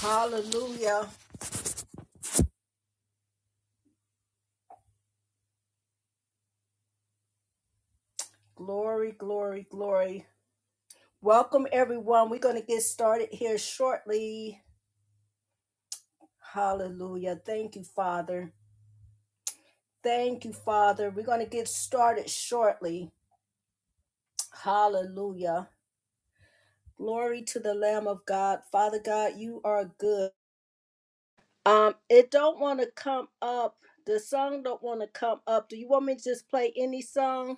Hallelujah. Glory, glory, glory. Welcome, everyone. We're going to get started here shortly. Hallelujah. Thank you, Father. Thank you, Father. We're going to get started shortly. Hallelujah. Glory to the Lamb of God. Father God, you are good. Um, it don't want to come up. The song don't want to come up. Do you want me to just play any song?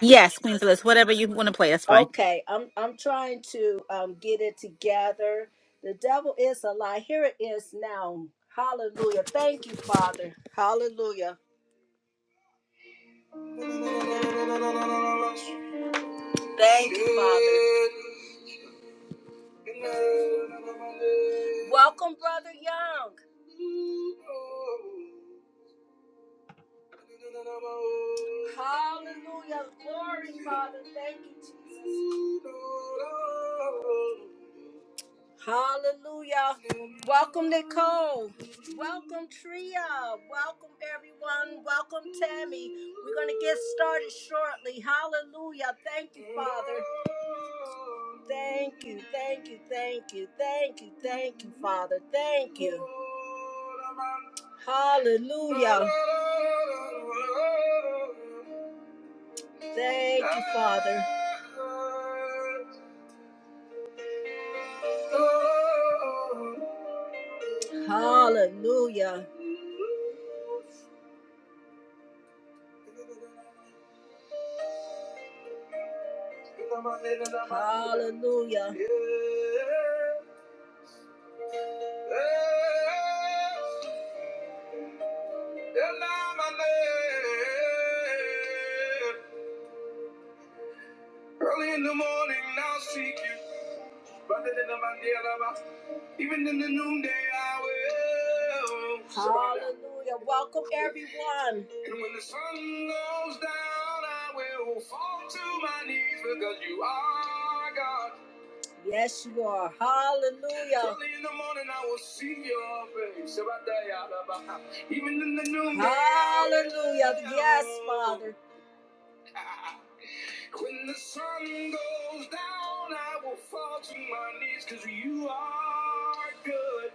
Yes, Queen Phyllis, whatever you want to play, that's fine. Okay, I'm I'm trying to um get it together. The devil is a lie. Here it is now. Hallelujah. Thank you, Father. Hallelujah. Thank you, Father. Welcome, Brother Young. Hallelujah. Glory, Father. Thank you, Jesus. Hallelujah. Welcome, Nicole. Welcome, Tria. Welcome, everyone. Welcome, Tammy. We're going to get started shortly. Hallelujah. Thank you, Father. Thank you, thank you, thank you, thank you, thank you, Father. Thank you. Hallelujah. Thank you, Father. Hallelujah. Hallelujah. Early in the morning, I'll seek you. Even in the noonday hour. Hallelujah. Welcome, everyone. And when the sun goes down, I will fall to my knees because you are God. Yes, you are. Hallelujah. Early in the morning, I will see your face. Even in the noonday. Hallelujah. Yes, Father. When the sun goes down, I will fall to my knees because you are good.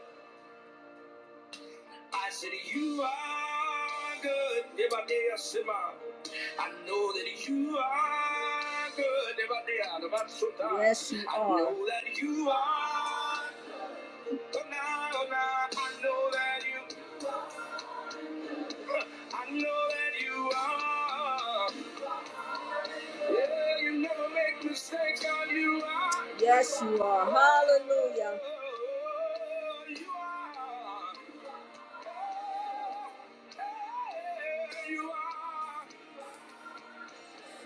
I said, You are good. Ebadeyasima. I sit down. I know that you are good. Ebadeyarabatsuta. Yes, you are. I know that you are. Oh, now, oh, now, I know that you, I know that you are. Yeah, you never make mistakes, God, you are. Yes, you are. Hallelujah. Oh, you are. Oh, hey, you are.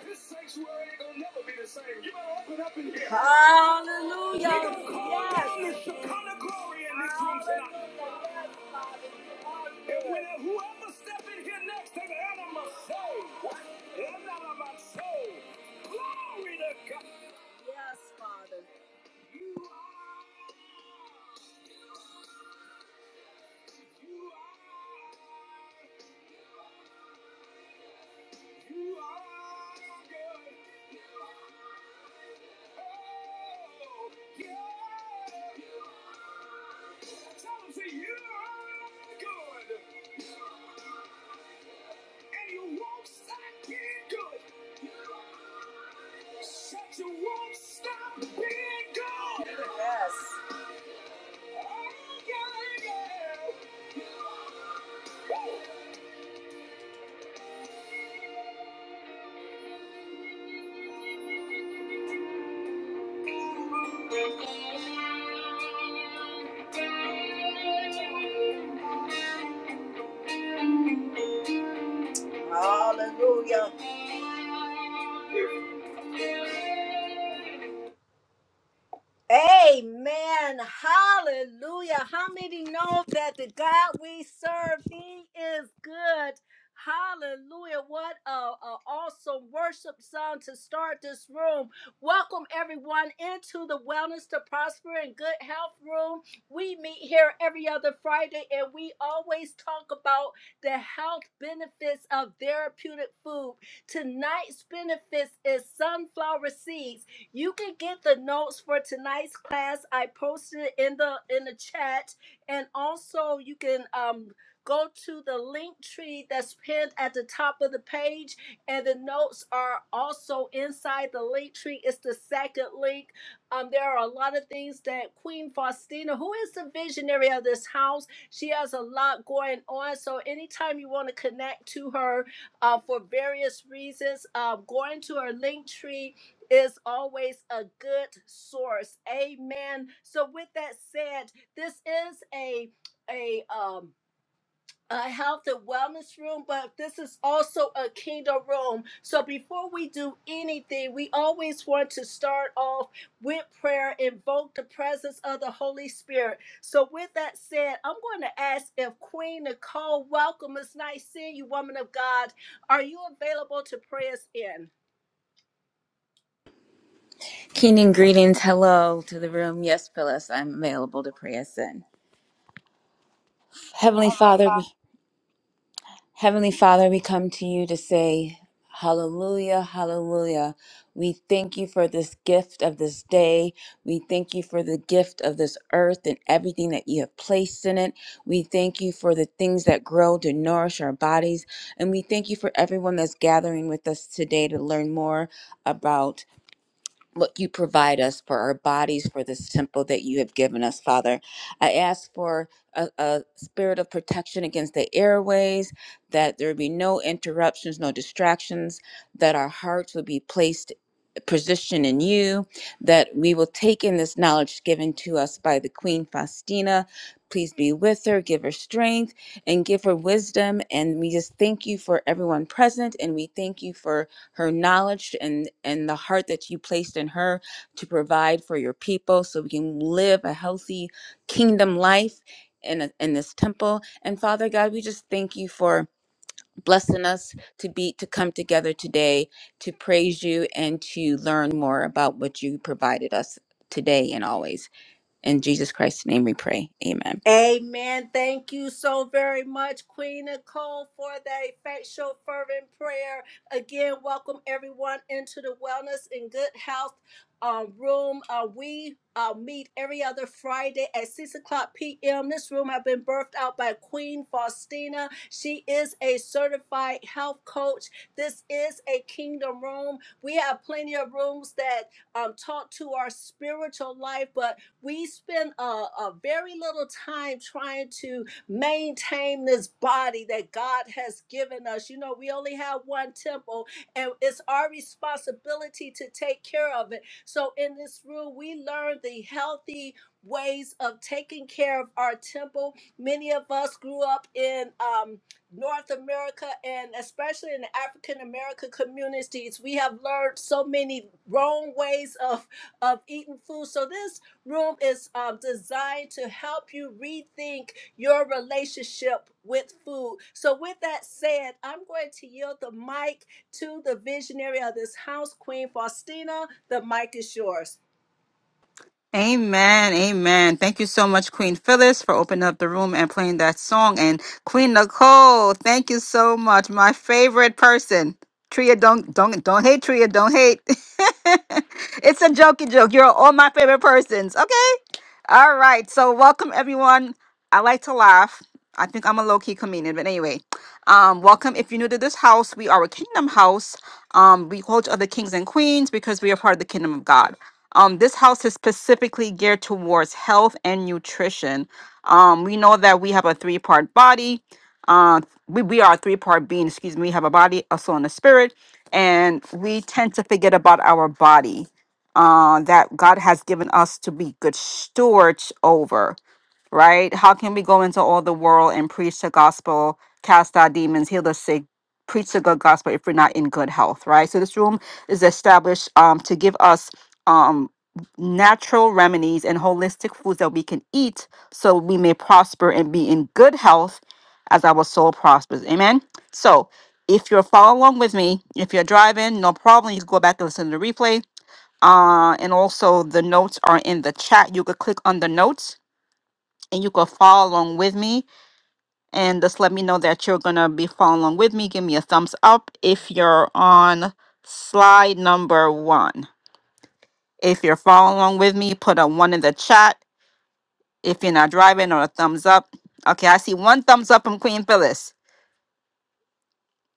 This sanctuary ain't gonna never be the same. You better open up in here. Hallelujah. We're gonna call yes. down the Shekinah glory in this room tonight. And when whoever step in here next to the enema, say, what? Enema, say, glory to God. Yes, Father. You are, you are, you are good. Oh, yeah. Tell him, say, you are good. And you won't stop being good. Shut you won't stop being good. Yes. Oh, yeah, yeah. Woo. Hallelujah. Amen. Hallelujah. How many know that the God we serve, He is good? Hallelujah. What a, a awesome worship song to start this room. Welcome everyone into the Wellness to Prosper and Good Health Room. We meet here every other Friday and we always talk about the health benefits of therapeutic food. Tonight's benefits is sunflower seeds you can get the notes for tonight's class. I posted it in the in the chat, and also you can um go to the link tree that's pinned at the top of the page, and the notes are also inside the link tree. It's the second link. Um, there are a lot of things that Queen Faustina, who is the visionary of this house, she has a lot going on. So anytime you want to connect to her, uh, for various reasons, uh, going to her link tree is always a good source. Amen. So with that said, this is a a um a health and wellness room, but this is also a kingdom room. So before we do anything, we always want to start off with prayer, invoke the presence of the Holy Spirit. So with that said, I'm going to ask if Queen Nicole, welcome. It's nice seeing you, woman of God. Are you available to pray us in? Keenan greetings, hello to the room. Yes, Phyllis, I'm available to pray us in. Heavenly Father, Heavenly Father, we come to you to say, Hallelujah, hallelujah. We thank you for this gift of this day. We thank you for the gift of this earth and everything that you have placed in it. We thank you for the things that grow to nourish our bodies. And we thank you for everyone that's gathering with us today to learn more about. what you provide us for our bodies, for this temple that you have given us, Father. I ask for a, a spirit of protection against the airways, that there be no interruptions, no distractions, that our hearts would be placed position in you, that we will take in this knowledge given to us by the Queen Faustina. Please be with her, give her strength, and give her wisdom. And we just thank you for everyone present, and we thank you for her knowledge and, and the heart that you placed in her to provide for your people so we can live a healthy kingdom life in, a, in this temple. And Father God, we just thank you for blessing us to be to come together today to praise you and to learn more about what you provided us today and always. In Jesus Christ's name we pray. Amen. Amen. Thank you so very much, Queen Nicole, for that effectual, fervent prayer. Again, welcome everyone into the Wellness and Good Health um, room. Uh, we uh, meet every other Friday at 6 o'clock p.m. This room has been birthed out by Queen Faustina. She is a certified health coach. This is a kingdom room. We have plenty of rooms that um, talk to our spiritual life, but we spend a, a very little time trying to maintain this body that God has given us. You know, we only have one temple, and it's our responsibility to take care of it. So, in this room, we learn the healthy ways of taking care of our temple. Many of us grew up in um, North America and especially in the African American communities, we have learned so many wrong ways of of eating food. So this room is um, designed to help you rethink your relationship with food. So, with that said, I'm going to yield the mic to the visionary of this house, Queen Faustina. The mic is yours. Amen, amen. Thank you so much, Queen Phyllis, for opening up the room and playing that song. And Queen Nicole, thank you so much. My favorite person. Tria, don't don't don't hate Tria, don't hate. it's a jokey joke. You're all my favorite persons. Okay. All right. So welcome everyone. I like to laugh. I think I'm a low-key comedian, but anyway. Um, welcome. If you're new to this house, we are a kingdom house. Um, we call each other kings and queens because we are part of the kingdom of God. Um, this house is specifically geared towards health and nutrition. Um, we know that we have a three part body. Uh, we, we are a three part being, excuse me. We have a body, a soul, and a spirit. And we tend to forget about our body uh, that God has given us to be good stewards over right? How can we go into all the world and preach the gospel, cast out demons, heal the sick, preach the good gospel if we're not in good health, right? So this room is established um, to give us um, natural remedies and holistic foods that we can eat so we may prosper and be in good health as our soul prospers. Amen. So if you're following along with me, if you're driving, no problem. You can go back and listen to the replay. Uh, and also the notes are in the chat. You could click on the notes and you could follow along with me and just let me know that you're gonna be following along with me. Give me a thumbs up if you're on slide number one. If you're following along with me, put a one in the chat. If you're not driving or a thumbs up. Okay, I see one thumbs up from Queen Phyllis.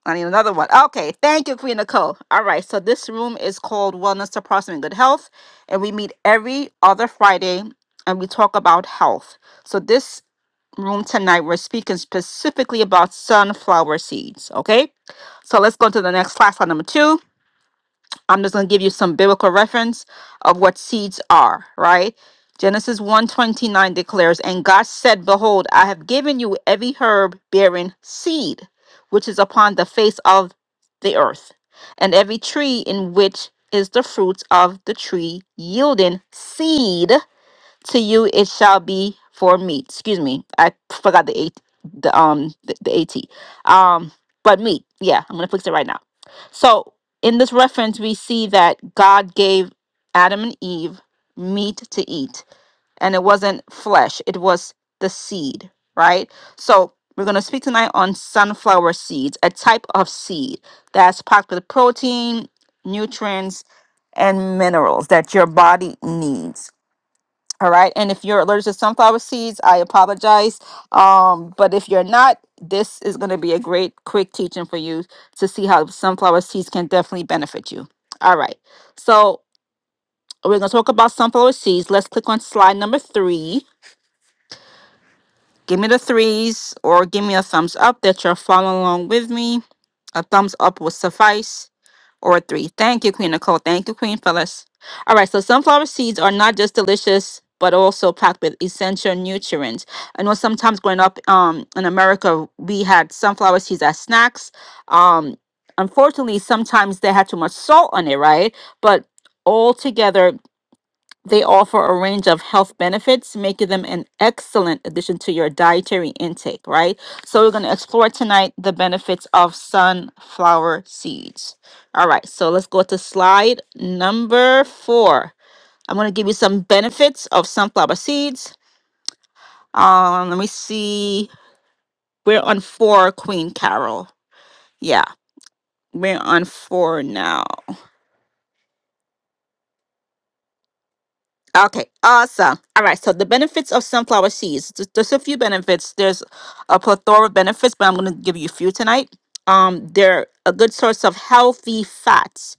I need another one. Okay, thank you, Queen Nicole. All right, so this room is called Wellness to Prosper and Good Health, and we meet every other Friday and we talk about health. So this room tonight, we're speaking specifically about sunflower seeds. Okay. So let's go to the next class, slide number two. I'm just going to give you some biblical reference of what seeds are, right? Genesis 129 declares, And God said, Behold, I have given you every herb bearing seed, which is upon the face of the earth, and every tree in which is the fruits of the tree yielding seed to you it shall be for meat. Excuse me, I forgot the eight, the um, the, the at, um, but meat. Yeah, I'm gonna fix it right now. So in this reference, we see that God gave Adam and Eve meat to eat, and it wasn't flesh; it was the seed, right? So we're gonna speak tonight on sunflower seeds, a type of seed that's packed with protein, nutrients, and minerals that your body needs. All right. And if you're allergic to sunflower seeds, I apologize. Um, but if you're not, this is going to be a great, quick teaching for you to see how sunflower seeds can definitely benefit you. All right. So we're going to talk about sunflower seeds. Let's click on slide number three. Give me the threes or give me a thumbs up that you're following along with me. A thumbs up will suffice. or three. Thank you, Queen Nicole. Thank you, Queen Phyllis. All right, so sunflower seeds are not just delicious, but also packed with essential nutrients. I know sometimes growing up um, in America, we had sunflower seeds as snacks. Um, unfortunately, sometimes they had too much salt on it, right? But altogether they offer a range of health benefits, making them an excellent addition to your dietary intake, right? So, we're going to explore tonight the benefits of sunflower seeds. All right, so let's go to slide number four. I'm going to give you some benefits of sunflower seeds. Um, let me see. We're on four, Queen Carol. Yeah, we're on four now. Okay, awesome. All right, so the benefits of sunflower seeds. Th- There's a few benefits. There's a plethora of benefits, but I'm going to give you a few tonight. Um, they're a good source of healthy fats.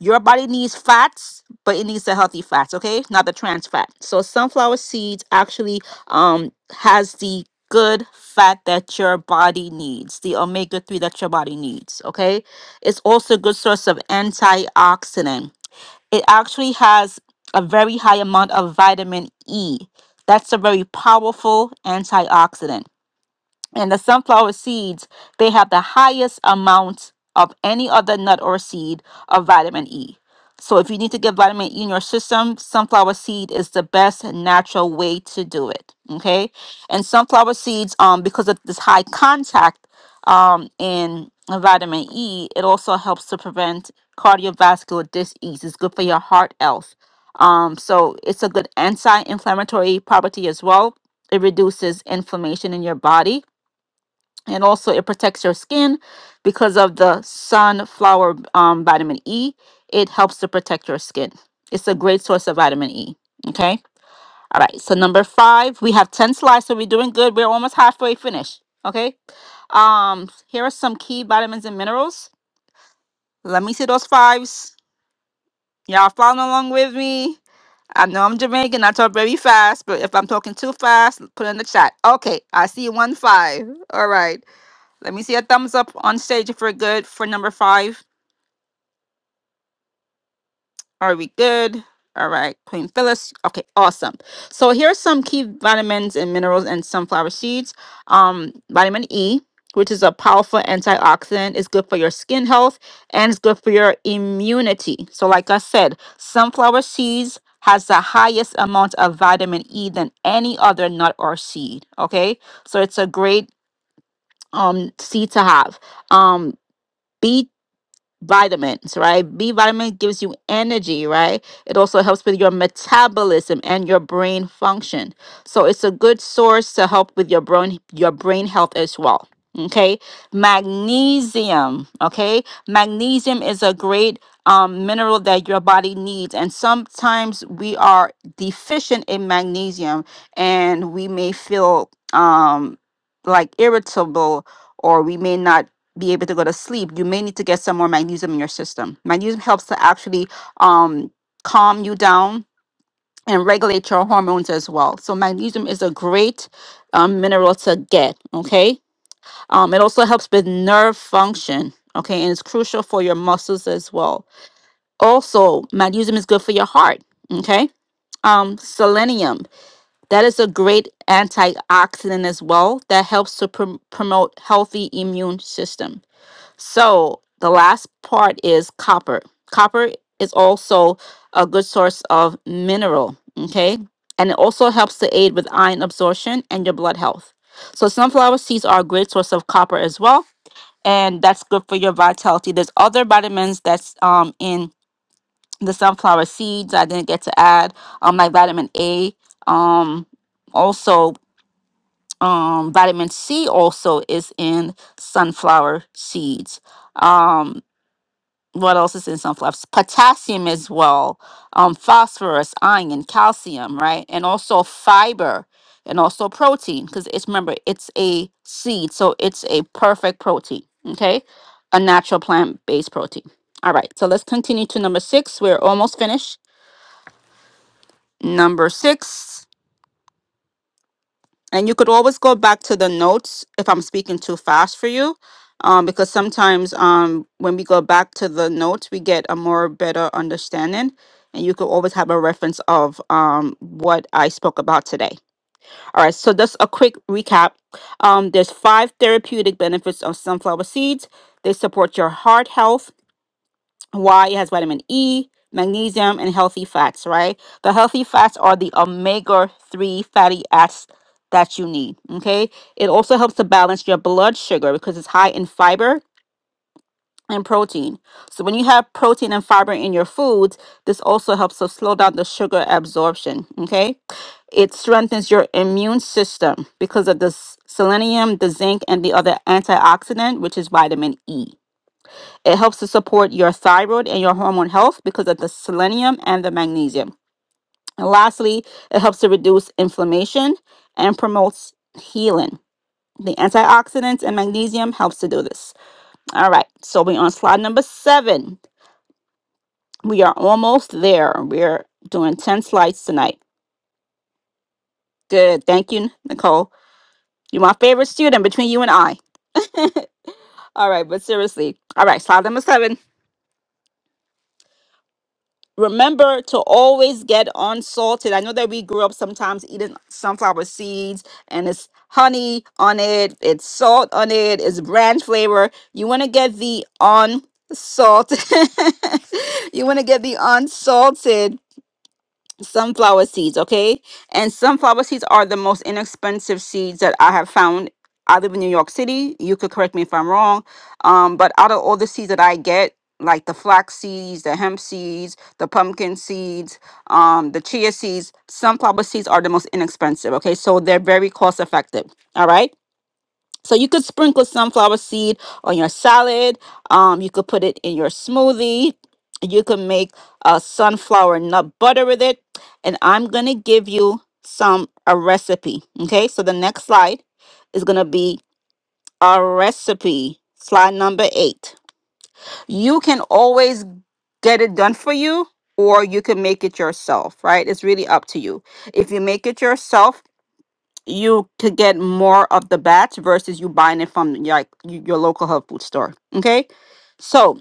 Your body needs fats, but it needs the healthy fats, okay? Not the trans fat. So sunflower seeds actually um has the good fat that your body needs, the omega 3 that your body needs, okay? It's also a good source of antioxidant it actually has a very high amount of vitamin E. That's a very powerful antioxidant and the sunflower seeds they have the highest amount of any other nut or seed of vitamin E. So if you need to get vitamin E in your system, sunflower seed is the best natural way to do it. Okay, and sunflower seeds, um, because of this high contact, um, in vitamin E, it also helps to prevent cardiovascular disease. It's good for your heart health. Um, so it's a good anti-inflammatory property as well. It reduces inflammation in your body and also it protects your skin because of the sunflower um, vitamin E. It helps to protect your skin. It's a great source of vitamin E. Okay. All right. So number five, we have ten slides, so we're doing good. We're almost halfway finished. Okay. Um, here are some key vitamins and minerals. Let me see those fives. Y'all following along with me. I know I'm Jamaican. I talk very fast, but if I'm talking too fast, put it in the chat. Okay, I see one five. All right. Let me see a thumbs up on stage if we're good for number five. Are we good? All right, Queen Phyllis. Okay, awesome. So here's some key vitamins and minerals in sunflower seeds. Um, vitamin E, which is a powerful antioxidant, is good for your skin health and it's good for your immunity. So, like I said, sunflower seeds has the highest amount of vitamin E than any other nut or seed. Okay, so it's a great um seed to have. Um, B. vitamins, right? B vitamin gives you energy, right? It also helps with your metabolism and your brain function. So it's a good source to help with your brain your brain health as well. Okay? Magnesium, okay? Magnesium is a great um, mineral that your body needs and sometimes we are deficient in magnesium and we may feel um like irritable or we may not be able to go to sleep, you may need to get some more magnesium in your system. Magnesium helps to actually um, calm you down and regulate your hormones as well. So magnesium is a great um, mineral to get. Okay, um, it also helps with nerve function. Okay, and it's crucial for your muscles as well. Also, magnesium is good for your heart. Okay. Um, selenium that is a great antioxidant as well that helps to prom promote healthy immune system so the last part is copper. Copper is also a good source of mineral, okay? And it also helps to aid with iron absorption and your blood health. So sunflower seeds are a great source of copper as well, and that's good for your vitality. There's other vitamins that's um in the sunflower seeds I didn't get to add, um like vitamin A, um also um vitamin C also is in sunflower seeds. Um what else is in sunflowers? Potassium as well, um, phosphorus, iron, calcium, right? And also fiber and also protein because it's remember it's a seed, so it's a perfect protein. Okay, a natural plant-based protein. All right, so let's continue to number six. We're almost finished. Number six. And you could always go back to the notes if I'm speaking too fast for you, um, because sometimes um, when we go back to the notes, we get a more better understanding. And you could always have a reference of um, what I spoke about today. All right, so just a quick recap. Um, there's five therapeutic benefits of sunflower seeds. They support your heart health why it has vitamin E, magnesium, and healthy fats, right? The healthy fats are the omega 3 fatty acids that you need, okay? It also helps to balance your blood sugar because it's high in fiber and protein. So when you have protein and fiber in your foods, this also helps to slow down the sugar absorption, okay? It strengthens your immune system because of the s- selenium, the zinc, and the other antioxidant, which is vitamin E. It helps to support your thyroid and your hormone health because of the selenium and the magnesium. And lastly, it helps to reduce inflammation and promotes healing. The antioxidants and magnesium helps to do this. All right, so we're on slide number seven. We are almost there. We're doing 10 slides tonight. Good. Thank you, Nicole. You're my favorite student between you and I. All right, but seriously. All right, slide number seven. remember to always get unsalted. I know that we grew up sometimes eating sunflower seeds and it's honey on it, it's salt on it, it's brand flavor. You want to get the unsalted. you want to get the unsalted sunflower seeds, okay? And sunflower seeds are the most inexpensive seeds that I have found. I live in New York City. You could correct me if I'm wrong. Um, but out of all the seeds that I get, like the flax seeds, the hemp seeds, the pumpkin seeds, um, the chia seeds, sunflower seeds are the most inexpensive, okay? So they're very cost effective, all right? So you could sprinkle sunflower seed on your salad. Um, you could put it in your smoothie. You could make a sunflower nut butter with it. And I'm gonna give you some a recipe. Okay, so the next slide is gonna be a recipe. Slide number eight. You can always get it done for you, or you can make it yourself, right? It's really up to you. If you make it yourself, you could get more of the batch versus you buying it from like y- your local health food store. Okay, so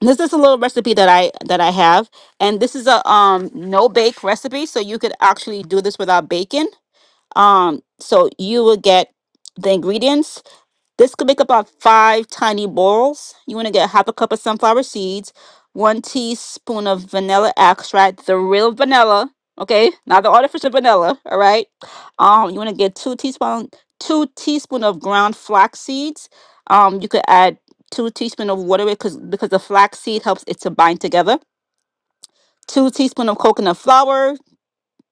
this is a little recipe that I that I have, and this is a um no bake recipe, so you could actually do this without bacon. Um, so you will get the ingredients this could make up about five tiny balls. You want to get half a cup of sunflower seeds, one teaspoon of vanilla extract, the real vanilla, okay, not the artificial vanilla. All right. Um, you want to get two teaspoon, two teaspoon of ground flax seeds. Um, you could add two teaspoon of water because because the flax seed helps it to bind together. Two teaspoon of coconut flour,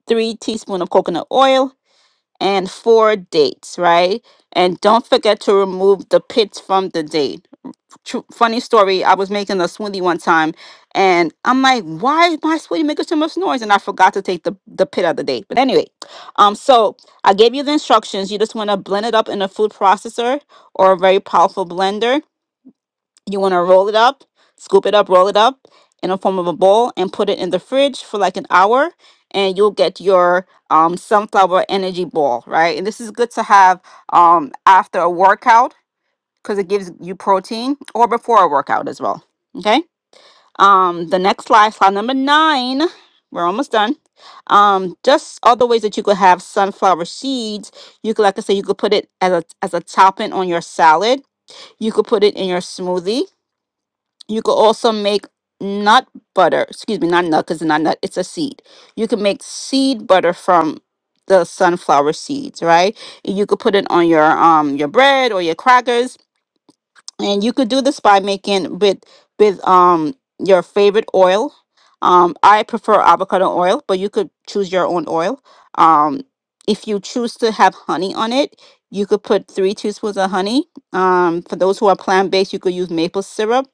three teaspoon of coconut oil, and four dates. Right, and don't forget to remove the pits from the date. True, funny story. I was making a smoothie one time, and I'm like, "Why is my smoothie making so much noise?" And I forgot to take the the pit of the day. But anyway, um, so I gave you the instructions. You just want to blend it up in a food processor or a very powerful blender. You want to roll it up, scoop it up, roll it up in a form of a bowl, and put it in the fridge for like an hour, and you'll get your um sunflower energy ball, right? And this is good to have um after a workout because it gives you protein or before a workout as well. Okay. Um, the next slide, slide number nine. We're almost done. Um, just other ways that you could have sunflower seeds. You could, like I say, you could put it as a as a topping on your salad. You could put it in your smoothie. You could also make nut butter. Excuse me, not nut because it's not nut. It's a seed. You can make seed butter from the sunflower seeds, right? You could put it on your um your bread or your crackers and you could do this by making with with um your favorite oil um i prefer avocado oil but you could choose your own oil um if you choose to have honey on it you could put three teaspoons of honey um for those who are plant-based you could use maple syrup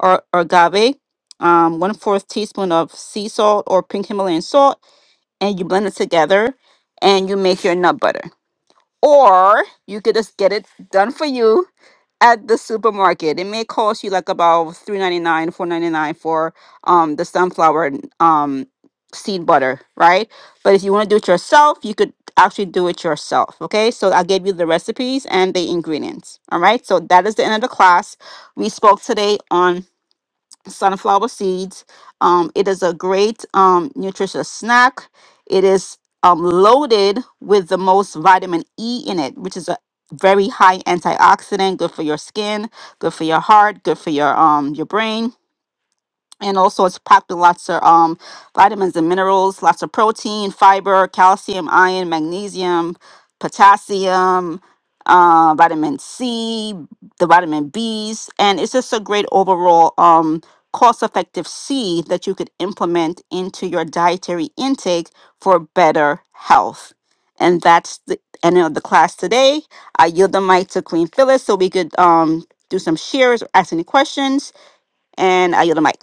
or, or agave um one fourth teaspoon of sea salt or pink himalayan salt and you blend it together and you make your nut butter or you could just get it done for you at the supermarket. It may cost you like about three ninety nine, four ninety nine for um the sunflower um seed butter, right? But if you want to do it yourself, you could actually do it yourself. Okay, so I gave you the recipes and the ingredients. All right, so that is the end of the class. We spoke today on sunflower seeds. Um, it is a great um, nutritious snack. It is um, loaded with the most vitamin E in it, which is a very high antioxidant, good for your skin, good for your heart, good for your um your brain and also it's packed with lots of um, vitamins and minerals, lots of protein, fiber, calcium, iron, magnesium, potassium, uh, vitamin C, the vitamin Bs, and it's just a great overall um, cost-effective seed that you could implement into your dietary intake for better health. And that's the end of the class today. I yield the mic to Queen Phyllis so we could um, do some shares or ask any questions, and I yield the mic.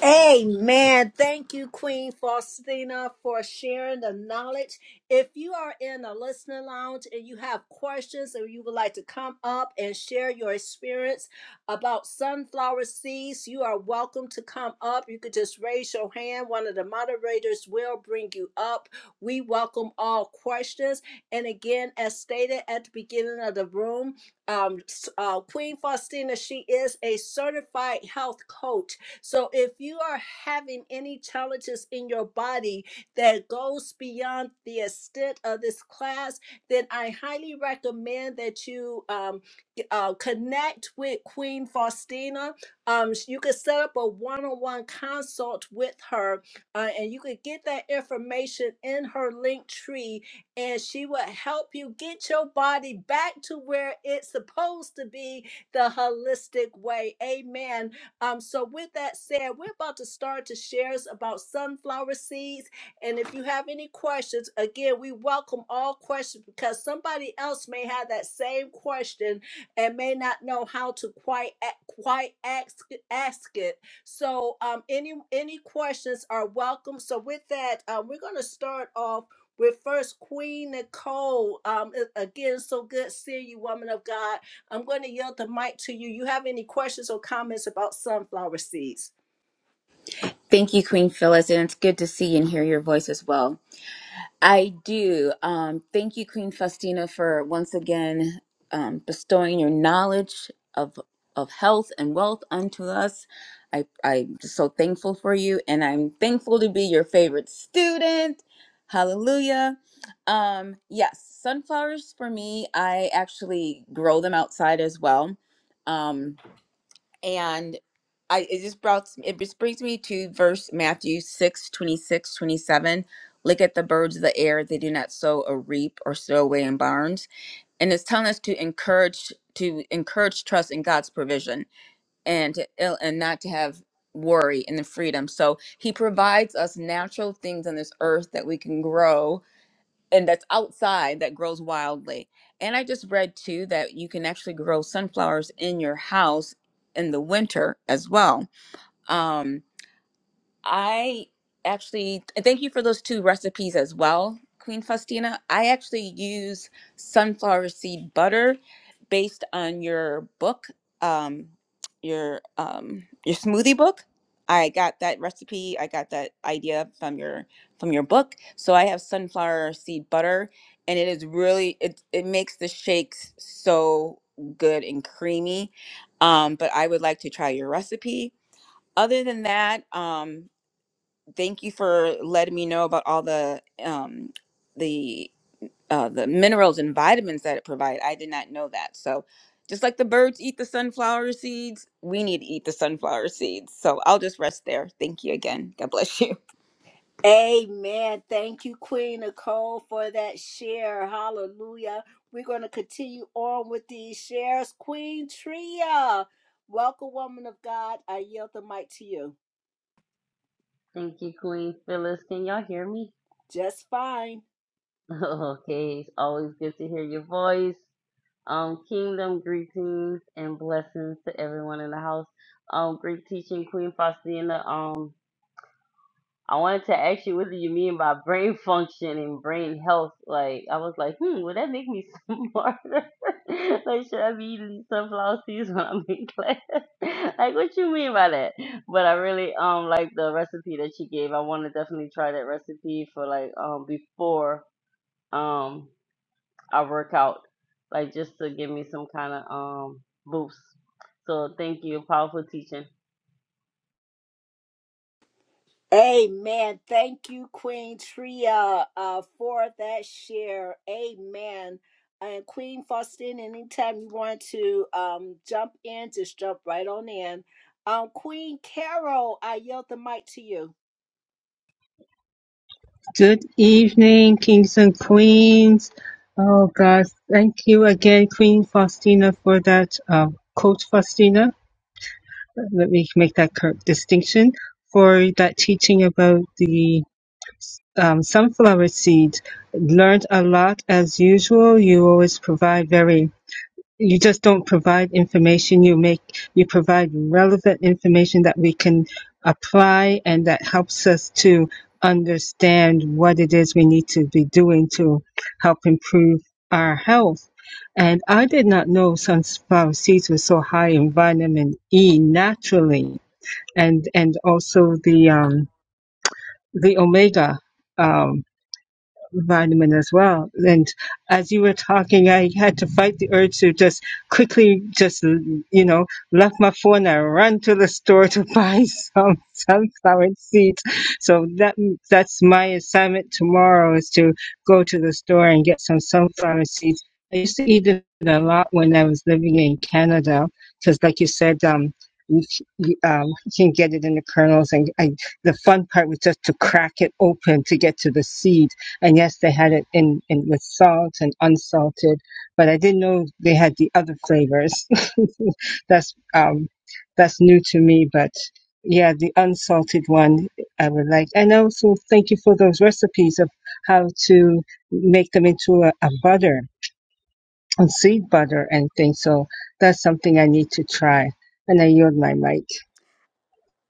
Amen. Thank you, Queen Faustina, for sharing the knowledge. If you are in a listening lounge and you have questions or you would like to come up and share your experience about sunflower seeds, you are welcome to come up. You could just raise your hand. One of the moderators will bring you up. We welcome all questions. And again, as stated at the beginning of the room, um, s- uh, Queen Faustina, she is a certified health coach so if you are having any challenges in your body that goes beyond the extent of this class, then I highly recommend that you um, g- uh, connect with Queen Faustina. Um, sh- you could set up a one-on-one consult with her, uh, and you could get that information in her link tree, and she will help you get your body back to where it's supposed to be, the holistic way. Amen um, so, with that said, we're about to start to share us about sunflower seeds. And if you have any questions, again, we welcome all questions because somebody else may have that same question and may not know how to quite a- quite ask ask it. So, um, any any questions are welcome. So, with that, um, we're going to start off with first Queen Nicole. Um, a- again, so good seeing you, woman of God. I'm going to yield the mic to you. You have any questions or comments about sunflower seeds? Thank you, Queen Phyllis, and it's good to see and hear your voice as well. I do. Um, thank you, Queen Faustina, for once again um, bestowing your knowledge of of health and wealth unto us. I, I'm just so thankful for you, and I'm thankful to be your favorite student. Hallelujah. Um, yes, sunflowers for me, I actually grow them outside as well. Um, and I it just brought it just brings me to verse Matthew 6 26 27. Look at the birds of the air, they do not sow or reap or store away in barns. And it's telling us to encourage to encourage trust in God's provision and to, and not to have worry and the freedom. So he provides us natural things on this earth that we can grow and that's outside that grows wildly. And I just read too that you can actually grow sunflowers in your house in the winter as well. Um, I actually and thank you for those two recipes as well, Queen Faustina. I actually use sunflower seed butter based on your book, um, your um, your smoothie book. I got that recipe. I got that idea from your from your book. So I have sunflower seed butter, and it is really it it makes the shakes so good and creamy. Um, but I would like to try your recipe other than that, um, Thank you for letting me know about all the um, the uh, the minerals and vitamins that it provides. I did not know that. So, just like the birds eat the sunflower seeds, we need to eat the sunflower seeds. So I'll just rest there. Thank you again. God bless you. Amen. Thank you, Queen Nicole, for that share. Hallelujah. We're going to continue on with these shares. Queen Tria, welcome, woman of God. I yield the mic to you. Thank you, Queen Phyllis. Can y'all hear me? Just fine. Okay, it's always good to hear your voice. Um, kingdom greetings and blessings to everyone in the house. Um, great teaching, Queen Faustina. Um, I wanted to ask you what do you mean by brain function and brain health? Like I was like, hmm, would that make me smarter? like should I be eating these sunflower seeds when I'm in class? like what you mean by that? But I really um like the recipe that you gave. I wanna definitely try that recipe for like um before um I work out. Like just to give me some kind of um boost. So thank you, powerful teaching. Amen. Thank you, Queen Tria, uh, for that share. Amen. And Queen Faustine, anytime you want to um, jump in, just jump right on in. Um, Queen Carol, I yield the mic to you. Good evening, kings and queens. Oh God, thank you again, Queen Faustina, for that um, quote, Faustina. Let me make that correct distinction for that teaching about the um, sunflower seeds, Learned a lot as usual. You always provide very you just don't provide information you make you provide relevant information that we can apply and that helps us to understand what it is we need to be doing to help improve our health and i did not know sunflower seeds were so high in vitamin e naturally and and also the um the omega um, vitamin as well. And as you were talking, I had to fight the urge to just quickly, just you know, left my phone and run to the store to buy some sunflower seeds. So that that's my assignment tomorrow is to go to the store and get some sunflower seeds. I used to eat it a lot when I was living in Canada because, like you said, um. You, c- you, um, you can get it in the kernels, and I, the fun part was just to crack it open to get to the seed and yes, they had it in, in with salt and unsalted, but I didn't know they had the other flavors. that's um, that's new to me, but yeah, the unsalted one I would like. And also, thank you for those recipes of how to make them into a, a butter, and seed butter and things. So that's something I need to try. And I yield my mic.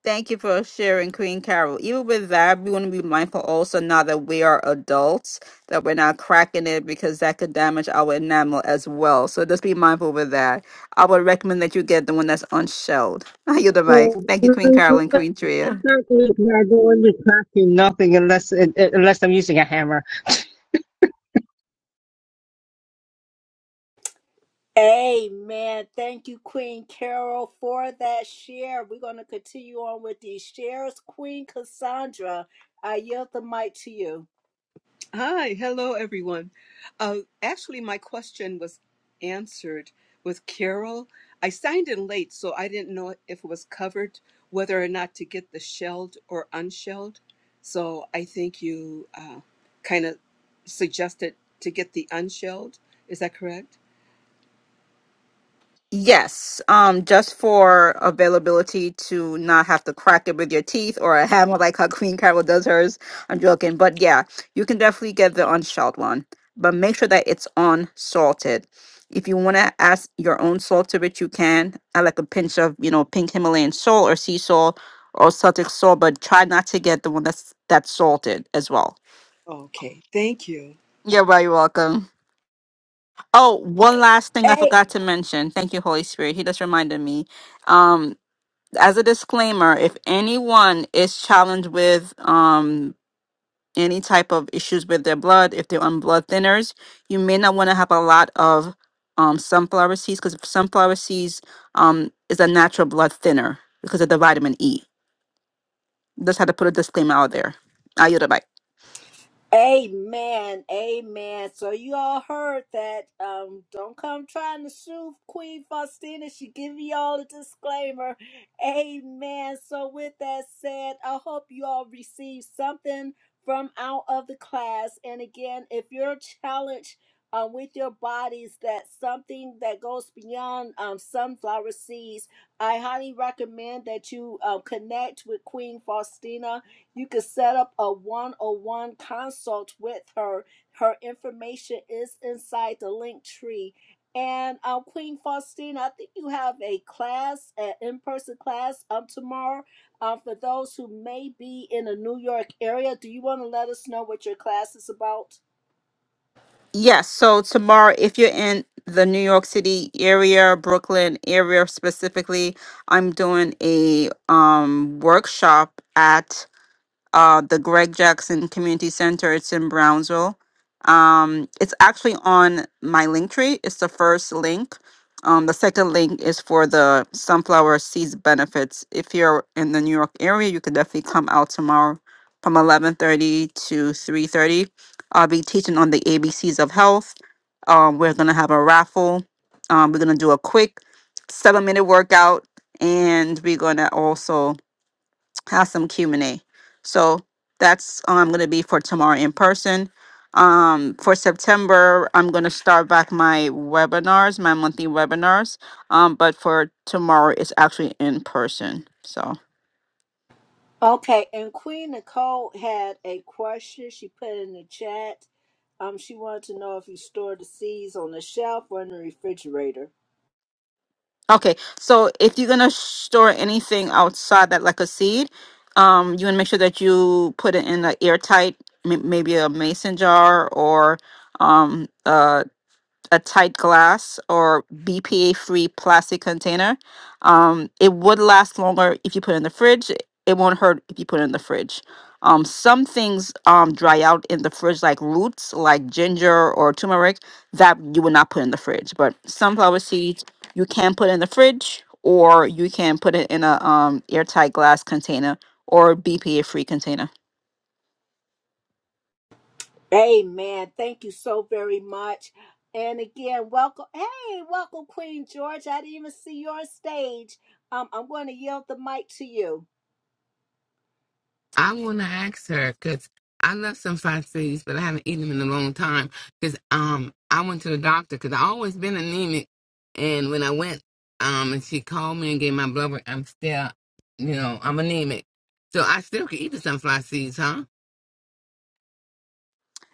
Thank you for sharing, Queen Carol. Even with that, we want to be mindful also now that we are adults that we're not cracking it because that could damage our enamel as well. So just be mindful with that. I would recommend that you get the one that's unshelled. you the mic. Oh, Thank I you, Queen Carol and don't Queen Tria. want to crack in nothing unless unless I'm using a hammer. Amen. Thank you, Queen Carol, for that share. We're going to continue on with these shares. Queen Cassandra, I yield the mic to you. Hi, hello everyone. Uh, actually, my question was answered with Carol. I signed in late, so I didn't know if it was covered, whether or not to get the shelled or unshelled. So I think you uh, kind of suggested to get the unshelled. Is that correct? Yes, um, just for availability to not have to crack it with your teeth or a hammer like how Queen Carol does hers. I'm joking, but yeah, you can definitely get the unshelled one, but make sure that it's unsalted. If you want to add your own salt to it, you can. I like a pinch of you know pink Himalayan salt or sea salt or Celtic salt, but try not to get the one that's that's salted as well. Okay, thank you. You're very welcome. Oh, one last thing I Hey, forgot to mention. Thank you, Holy Spirit. He just reminded me. Um, as a disclaimer, if anyone is challenged with um any type of issues with their blood, if they're on blood thinners, you may not want to have a lot of um sunflower seeds because sunflower seeds um is a natural blood thinner because of the vitamin E. Just had to put a disclaimer out there. I yield the mic. Amen. Amen. So you all heard that. Um, don't come trying to sue Queen Faustina. She give y'all a disclaimer. Amen. So with that said, I hope you all receive something from out of the class. And again, if you're challenged um, with your bodies, that something that goes beyond um, sunflower seeds, I highly recommend that you um, connect with Queen Faustina you could set up a one-on-one consult with her. Her information is inside the link tree. And um, Queen Faustina, I think you have a class, an in-person class um, tomorrow. Um, for those who may be in the New York area, do you want to let us know what your class is about? Yes, so tomorrow, if you're in the New York City area, Brooklyn area specifically, I'm doing a um workshop at uh, the Greg Jackson Community Center. It's in Brownsville. Um, it's actually on my link tree. It's the first link. Um, the second link is for the sunflower seeds benefits. If you're in the New York area, you can definitely come out tomorrow from 11:30 to 3:30. I'll be teaching on the ABCs of health. Um, we're gonna have a raffle. Um, we're gonna do a quick seven-minute workout, and we're gonna also have some Q and A. So that's um, going to be for tomorrow in person. Um, for September, I'm going to start back my webinars, my monthly webinars. Um, but for tomorrow, it's actually in person. So Okay, and Queen Nicole had a question she put in the chat. Um, she wanted to know if you store the seeds on the shelf or in the refrigerator. okay, so if you're going to store anything outside that, like a seed, um, you want to make sure that you put it in an airtight, m- maybe a mason jar or um, a a tight glass or BPA free plastic container. Um, it would last longer if you put it in the fridge. It won't hurt if you put it in the fridge. Um, some things um, dry out in the fridge, like roots, like ginger or turmeric, that you would not put in the fridge. But sunflower seeds, you can put in the fridge, or you can put it in a um, airtight glass container or BPA free container. Amen. Thank you so very much. And again, welcome. Hey, welcome, Queen George. I didn't even see your stage. Um, I'm going to yield the mic to you. I want to ask her because I love some fried foods, but I haven't eaten them in a long time. Because um, I went to the doctor because I always been anemic, and when I went, um, and she called me and gave my blood work, I'm still, you know, I'm anemic, so I still can eat the sunflower seeds, huh?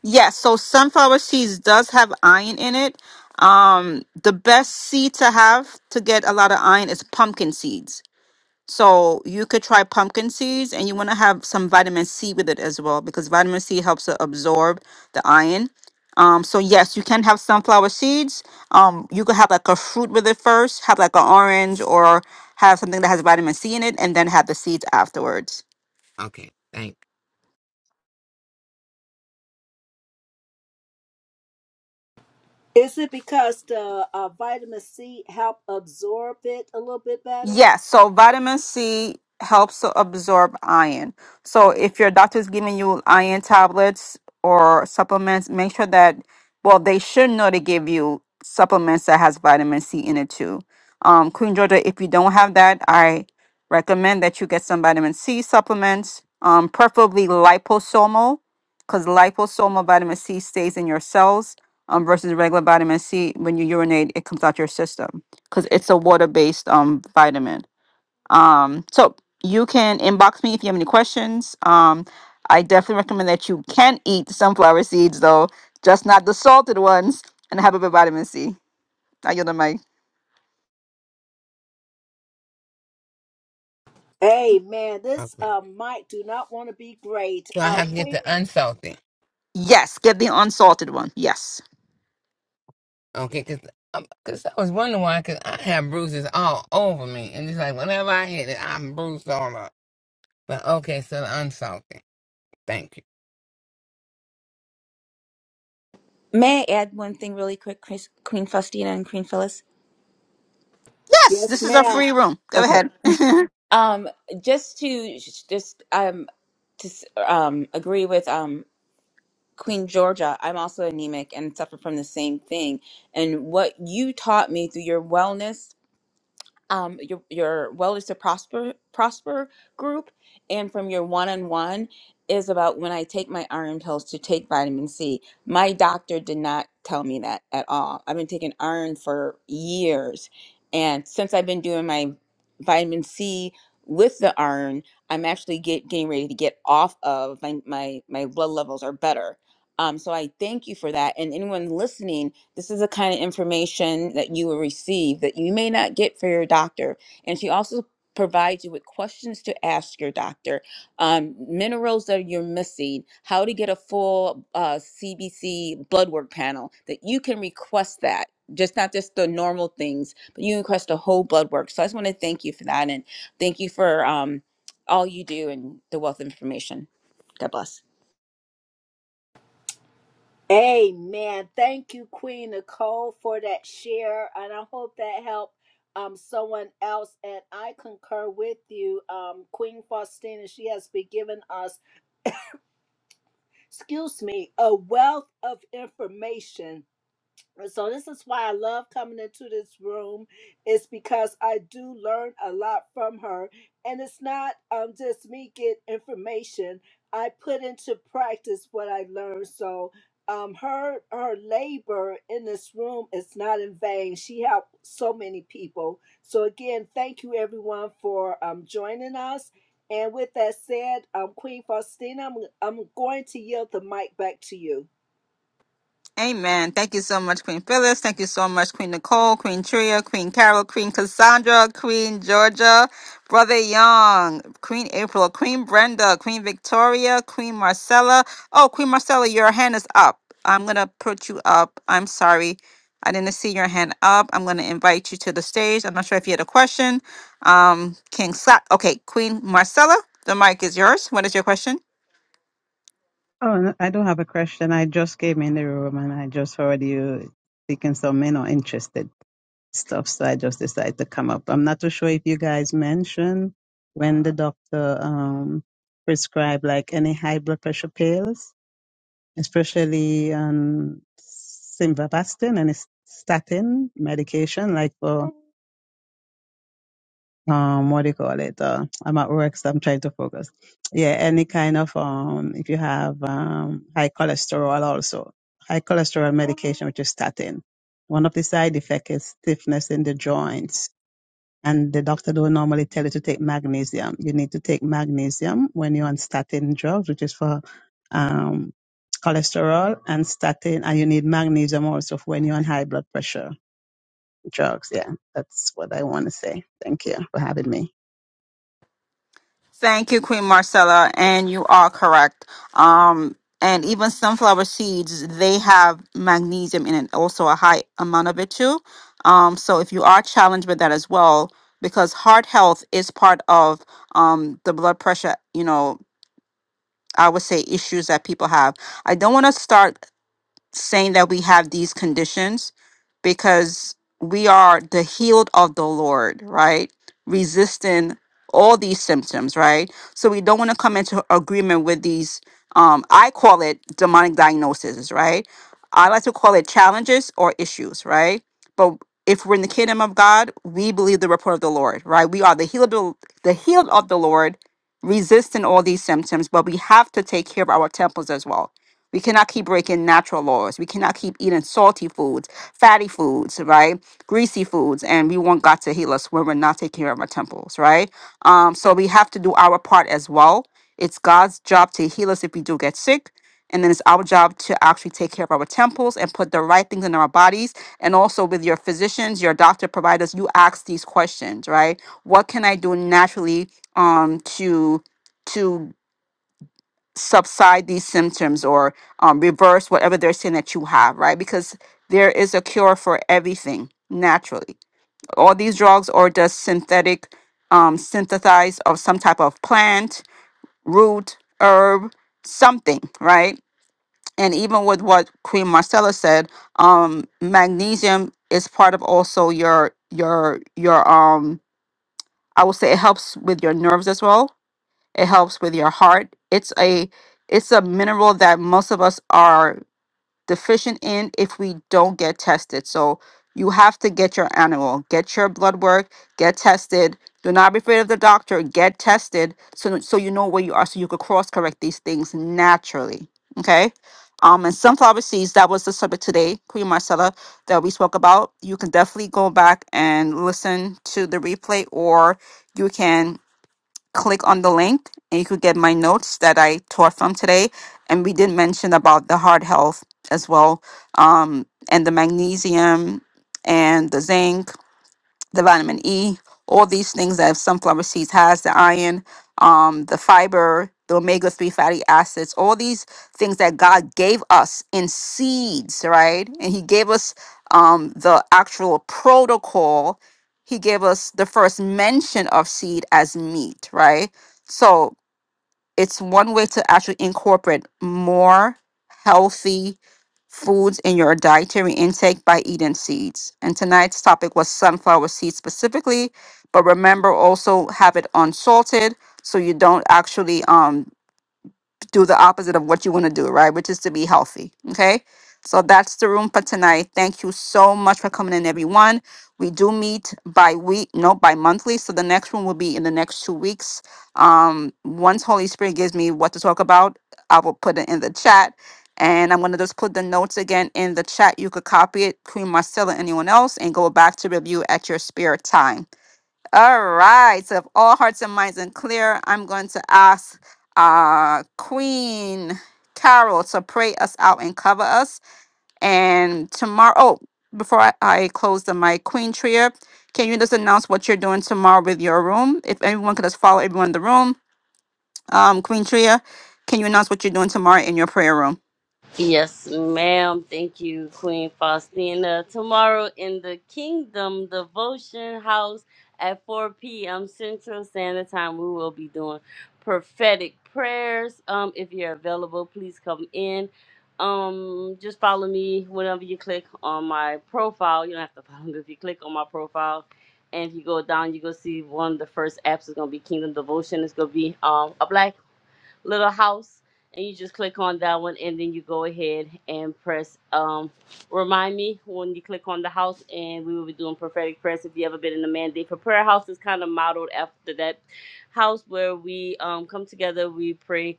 Yes, so sunflower seeds does have iron in it. Um, the best seed to have to get a lot of iron is pumpkin seeds. So you could try pumpkin seeds and you want to have some vitamin C with it as well because vitamin C helps to absorb the iron. Um, so yes, you can have sunflower seeds. Um, you could have like a fruit with it first, have like an orange or have something that has vitamin C in it and then have the seeds afterwards. Okay, thank. Is it because the uh, vitamin C help absorb it a little bit better? Yes, so vitamin C helps to absorb iron. So if your doctor is giving you iron tablets or supplements, make sure that well, they should know to give you supplements that has vitamin C in it too. Um, Queen Georgia, if you don't have that, I recommend that you get some vitamin C supplements, um, preferably liposomal, because liposomal vitamin C stays in your cells um, versus regular vitamin C when you urinate, it comes out your system because it's a water based um vitamin. Um, so you can inbox me if you have any questions. Um, I definitely recommend that you can eat sunflower seeds though, just not the salted ones, and have a bit of vitamin C. I yield the mic. Amen. This Okay, uh, mic do not want to be great. so I Uh, have to get Queen, the unsalted. Yes, get the unsalted one. Yes, Okay, because. Cause I was wondering why, cause I have bruises all over me, and it's like whenever I hit it, I'm bruised all up. But okay, so the unsalted. Thank you. May I add one thing really quick, Chris, Queen Faustina and Queen Phyllis? yes, yes, this is a ma'am. free room. Go Okay. ahead. Um, just to just um to s- um agree with um. Queen Georgia, I'm also anemic and suffer from the same thing. And what you taught me through your wellness um, your your well is to prosper prosper group, and from your one on one is about when I take my iron pills to take vitamin C. My doctor did not tell me that at all. I've been taking iron for years, and since I've been doing my vitamin C with the iron, I'm actually get, getting ready to get off of my my my blood levels are better. Um, so I thank you for that, and anyone listening this is the kind of information that you will receive that you may not get for your doctor. And she also provides you with questions to ask your doctor, um, minerals that you're missing, how to get a full uh, CBC blood work panel, that you can request that. Just not just the normal things, but you can request a whole blood work. So I just want to thank you for that and thank you for um, all you do and the wealth of information. God bless. Amen. Thank you, Queen Nicole, for that share. And I hope that helped um, someone else. And I concur with you, um, Queen Faustina. She has been giving us, excuse me, a wealth of information so this is why I love coming into this room. It's because I do learn a lot from her, and it's not um just me get information. I put into practice what I learned. So um her her labor in this room is not in vain. She helped so many people. So again, thank you everyone for um joining us. And with that said, um Queen Faustina, I'm I'm going to yield the mic back to you. Amen. Thank you so much, Queen Phyllis. Thank you so much, Queen Nicole, Queen Tria, Queen Carol, Queen Cassandra, Queen Georgia, Brother Young, Queen April, Queen Brenda, Queen Victoria, Queen Marcella. Oh, Queen Marcella, your hand is up. I'm going to put you up. I'm sorry. I didn't see your hand up. I'm going to invite you to the stage. I'm not sure if you had a question. Um, King Slap. Okay, Queen Marcella, the mic is yours. What is your question? Oh, no, I don't have a question. I just came in the room and I just heard you speaking some men are interested stuff, so I just decided to come up. I'm not too sure if you guys mentioned when the doctor um prescribed like any high blood pressure pills, especially um simvastatin and statin medication, like for um what do you call it uh, i'm at work so i'm trying to focus yeah any kind of um if you have um high cholesterol also high cholesterol medication which is statin one of the side effects is stiffness in the joints and the doctor don't normally tell you to take magnesium you need to take magnesium when you're on statin drugs which is for um cholesterol and statin and you need magnesium also for when you're on high blood pressure drugs yeah that's what i want to say thank you for having me Thank you, Queen Marcella, and you are correct. Um, and even sunflower seeds, they have magnesium in it, also a high amount of it too. Um, so if you are challenged with that as well, because heart health is part of um, the blood pressure, you know, I would say issues that people have. I don't want to start saying that we have these conditions because we are the healed of the Lord, right? Resisting all these symptoms, right? So we don't want to come into agreement with these um I call it demonic diagnoses, right? I like to call it challenges or issues, right? But if we're in the kingdom of God, we believe the report of the Lord, right? We are the healed of the healed of the Lord, resisting all these symptoms, but we have to take care of our temples as well we cannot keep breaking natural laws. We cannot keep eating salty foods, fatty foods, right? Greasy foods, and we want God to heal us when we're not taking care of our temples, right? Um, so we have to do our part as well. It's God's job to heal us if we do get sick. And then it's our job to actually take care of our temples and put the right things in our bodies. And also with your physicians, your doctor providers, you ask these questions, right? What can I do naturally um, to to subside these symptoms or um, reverse whatever they're saying that you have, right? Because there is a cure for everything naturally. All these drugs or just synthetic, um, synthesized of some type of plant, root, herb, something, right? And even with what Queen Marcella said, um, magnesium is part of also your your your um. I would say it helps with your nerves as well it helps with your heart. It's a it's a mineral that most of us are deficient in if we don't get tested. So you have to get your annual, get your blood work, get tested. Do not be afraid of the doctor. Get tested so so you know where you are, so you could cross correct these things naturally. Okay. Um, and sunflower seeds, that was the subject today, Queen Marcella, that we spoke about. You can definitely go back and listen to the replay or you can click on the link and you could get my notes that I taught from today. And we did mention about the heart health as well, um, and the magnesium and the zinc the vitamin E, all these things that sunflower seeds has, the iron, um, the fiber, the omega-3 fatty acids, all these things that God gave us in seeds, right? And he gave us um, the actual protocol. He gave us the first mention of seed as meat, right? So it's one way to actually incorporate more healthy foods in your dietary intake by eating seeds. And tonight's topic was sunflower seeds specifically, but remember also have it unsalted so you don't actually um do the opposite of what you want to do, right? Which is to be healthy. Okay. So that's the room for tonight. Thank you so much for coming in, everyone. We do meet by week, no, by monthly. So the next one will be in the next two weeks. Um, once Holy Spirit gives me what to talk about, I will put it in the chat. And I'm going to just put the notes again in the chat. You could copy it, Queen Marcella, anyone else, and go back to review at your spare time. All right. So if all hearts and minds are clear, I'm going to ask uh, Queen Carol to pray us out and cover us. And tomorrow, oh, before I, I close the mic, Queen Tria, can you just announce what you're doing tomorrow with your room? If everyone could just follow everyone in the room. Um, Queen Tria, can you announce what you're doing tomorrow in your prayer room? Yes, ma'am. Thank you, Queen Faustina. Tomorrow in the Kingdom Devotion House at 4 p.m. Central Standard Time, we will be doing prophetic prayers. Um, if you're available, please come in. Um, just follow me whenever you click on my profile. You don't have to follow me if you click on my profile. And if you go down, you go see one of the first apps is gonna be Kingdom Devotion. It's gonna be um a black little house, and you just click on that one, and then you go ahead and press. Um, remind me when you click on the house, and we will be doing prophetic prayers. If you ever been in the mandate for prayer house, it's kind of modeled after that house where we um come together, we pray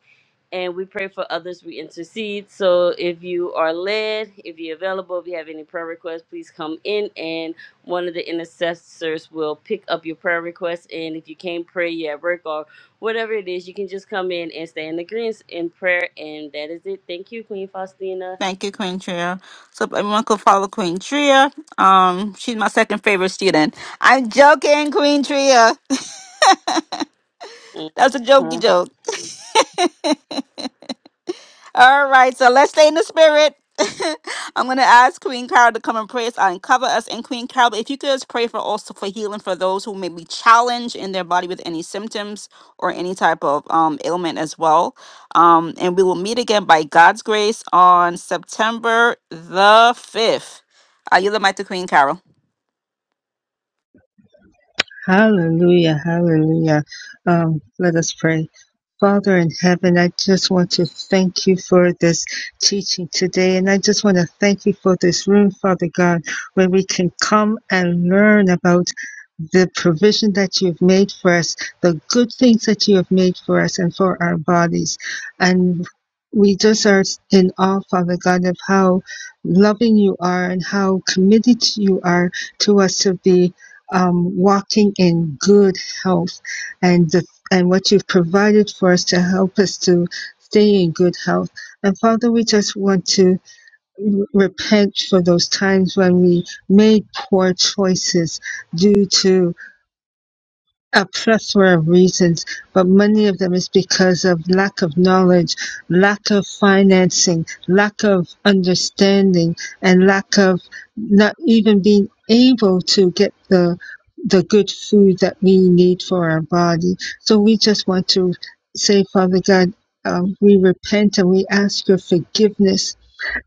and we pray for others. We intercede. So if you are led, if you're available, if you have any prayer requests, please come in and one of the intercessors will pick up your prayer requests. And if you can't pray, you're at work or whatever it is, you can just come in and stay in the greens in prayer, and that is it. Thank you, Queen Faustina. Thank you, Queen Tria. So if everyone could follow Queen Tria. Um, she's my second favorite student. I'm joking, Queen Tria. That's a jokey Mhm. joke. All right, so let's stay in the spirit. I'm going to ask Queen Carol to come and pray us out and cover us. And Queen Carol, if you could just pray for also for healing for those who may be challenged in their body with any symptoms or any type of um, ailment as well. Um, and we will meet again by God's grace on September the 5th. I yield the mic to Queen Carol. Hallelujah, hallelujah. Um, let us pray. Father in heaven, I just want to thank you for this teaching today. And I just want to thank you for this room, Father God, where we can come and learn about the provision that you've made for us, the good things that you have made for us and for our bodies. And we just are in awe, Father God, of how loving you are and how committed you are to us to be um, walking in good health and the, and what you've provided for us to help us to stay in good health. And Father, we just want to r- repent for those times when we made poor choices due to a plethora of reasons, but many of them is because of lack of knowledge, lack of financing, lack of understanding, and lack of not even being able to get the the good food that we need for our body. So we just want to say, Father God, uh, we repent and we ask your forgiveness,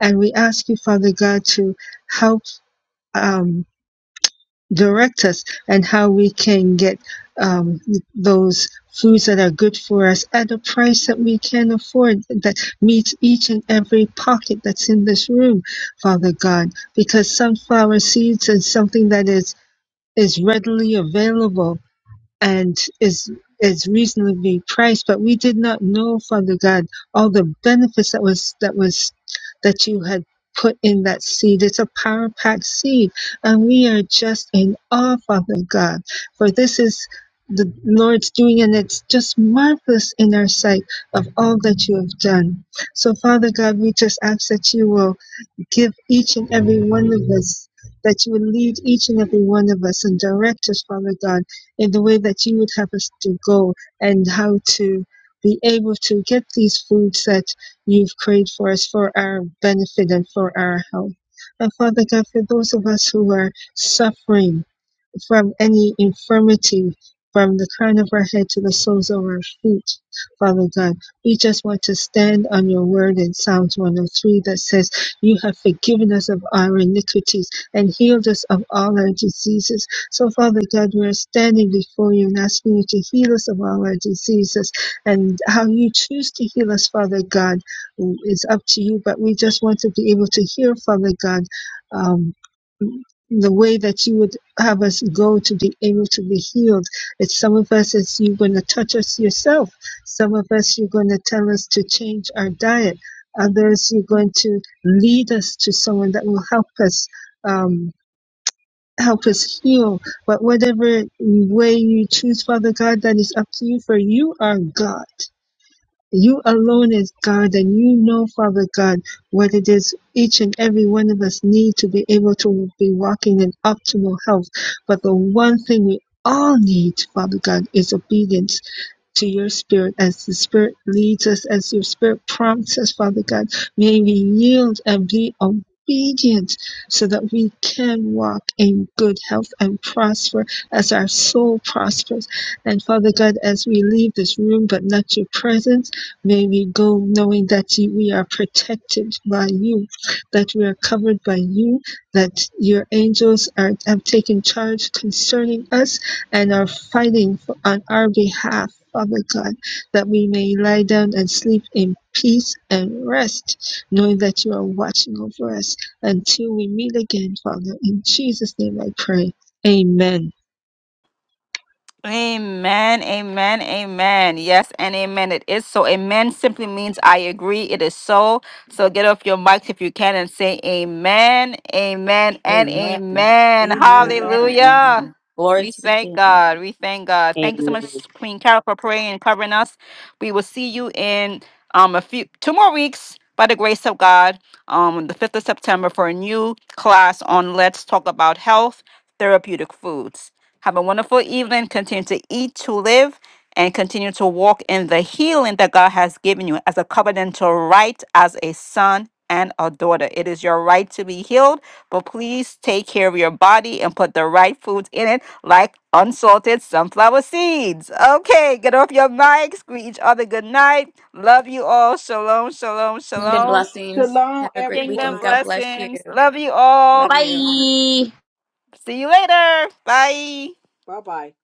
and we ask you, Father God, to help. Um, direct us and how we can get um, those foods that are good for us at a price that we can afford that meets each and every pocket that's in this room, Father God, because sunflower seeds is something that is is readily available and is is reasonably priced, but we did not know, Father God, all the benefits that was that was that you had put in that seed. It's a power packed seed, and we are just in awe, Father God, for this is the Lord's doing, and it's just marvelous in our sight of all that you have done. So, Father God, we just ask that you will give each and every one of us, that you would lead each and every one of us and direct us, Father God, in the way that you would have us to go and how to be able to get these foods that you've created for us for our benefit and for our health. And Father God, for those of us who are suffering, from any infirmity from the crown of our head to the soles of our feet, Father God. We just want to stand on your word in Psalms 103 that says, You have forgiven us of our iniquities and healed us of all our diseases. So, Father God, we are standing before you and asking you to heal us of all our diseases. And how you choose to heal us, Father God, is up to you. But we just want to be able to hear, Father God. Um, the way that you would have us go to be able to be healed. It's some of us, it's you're going to touch us yourself. Some of us, you're going to tell us to change our diet. Others, you're going to lead us to someone that will help us, um, help us heal. But whatever way you choose, Father God, that is up to you, for you are God. You alone is God and you know, Father God, what it is each and every one of us need to be able to be walking in optimal health. But the one thing we all need, Father God, is obedience to your spirit as the spirit leads us, as your spirit prompts us, Father God. May we yield and be obedient so that we can walk in good health and prosper as our soul prospers. And Father God, as we leave this room but not your presence, may we go knowing that you- we are protected by you, that we are covered by you, that your angels are, have taken charge concerning us and are fighting for, on our behalf Father God, that we may lie down and sleep in peace and rest, knowing that you are watching over us until we meet again, Father. In Jesus' name I pray. Amen. Amen, amen, amen. Yes, and amen. It is so. Amen simply means I agree. It is so. So get off your mics if you can and say amen, amen, and Amen. amen. Amen Amen. and Hallelujah. amen. Glory We to the thank King. God. We thank God. Thank you so much, Amen. Queen Carol, for praying and covering us. We will see you in um a few two more weeks by the grace of God, um, the 5th of September for a new class on Let's Talk About Health Therapeutic Foods. Have a wonderful evening. Continue to eat, to live, and continue to walk in the healing that God has given you as a covenantal right as a son and a daughter. It is your right to be healed, but please take care of your body and put the right foods in it, like unsalted sunflower seeds. Okay, get off your mics. Greet each other good night. Love you all. Shalom, shalom, Kingdom shalom. blessings. Shalom, Have a great Kingdom weekend. everyone. God bless you. blessings. Love you all. Love you. Bye. See you later. Bye. Bye bye.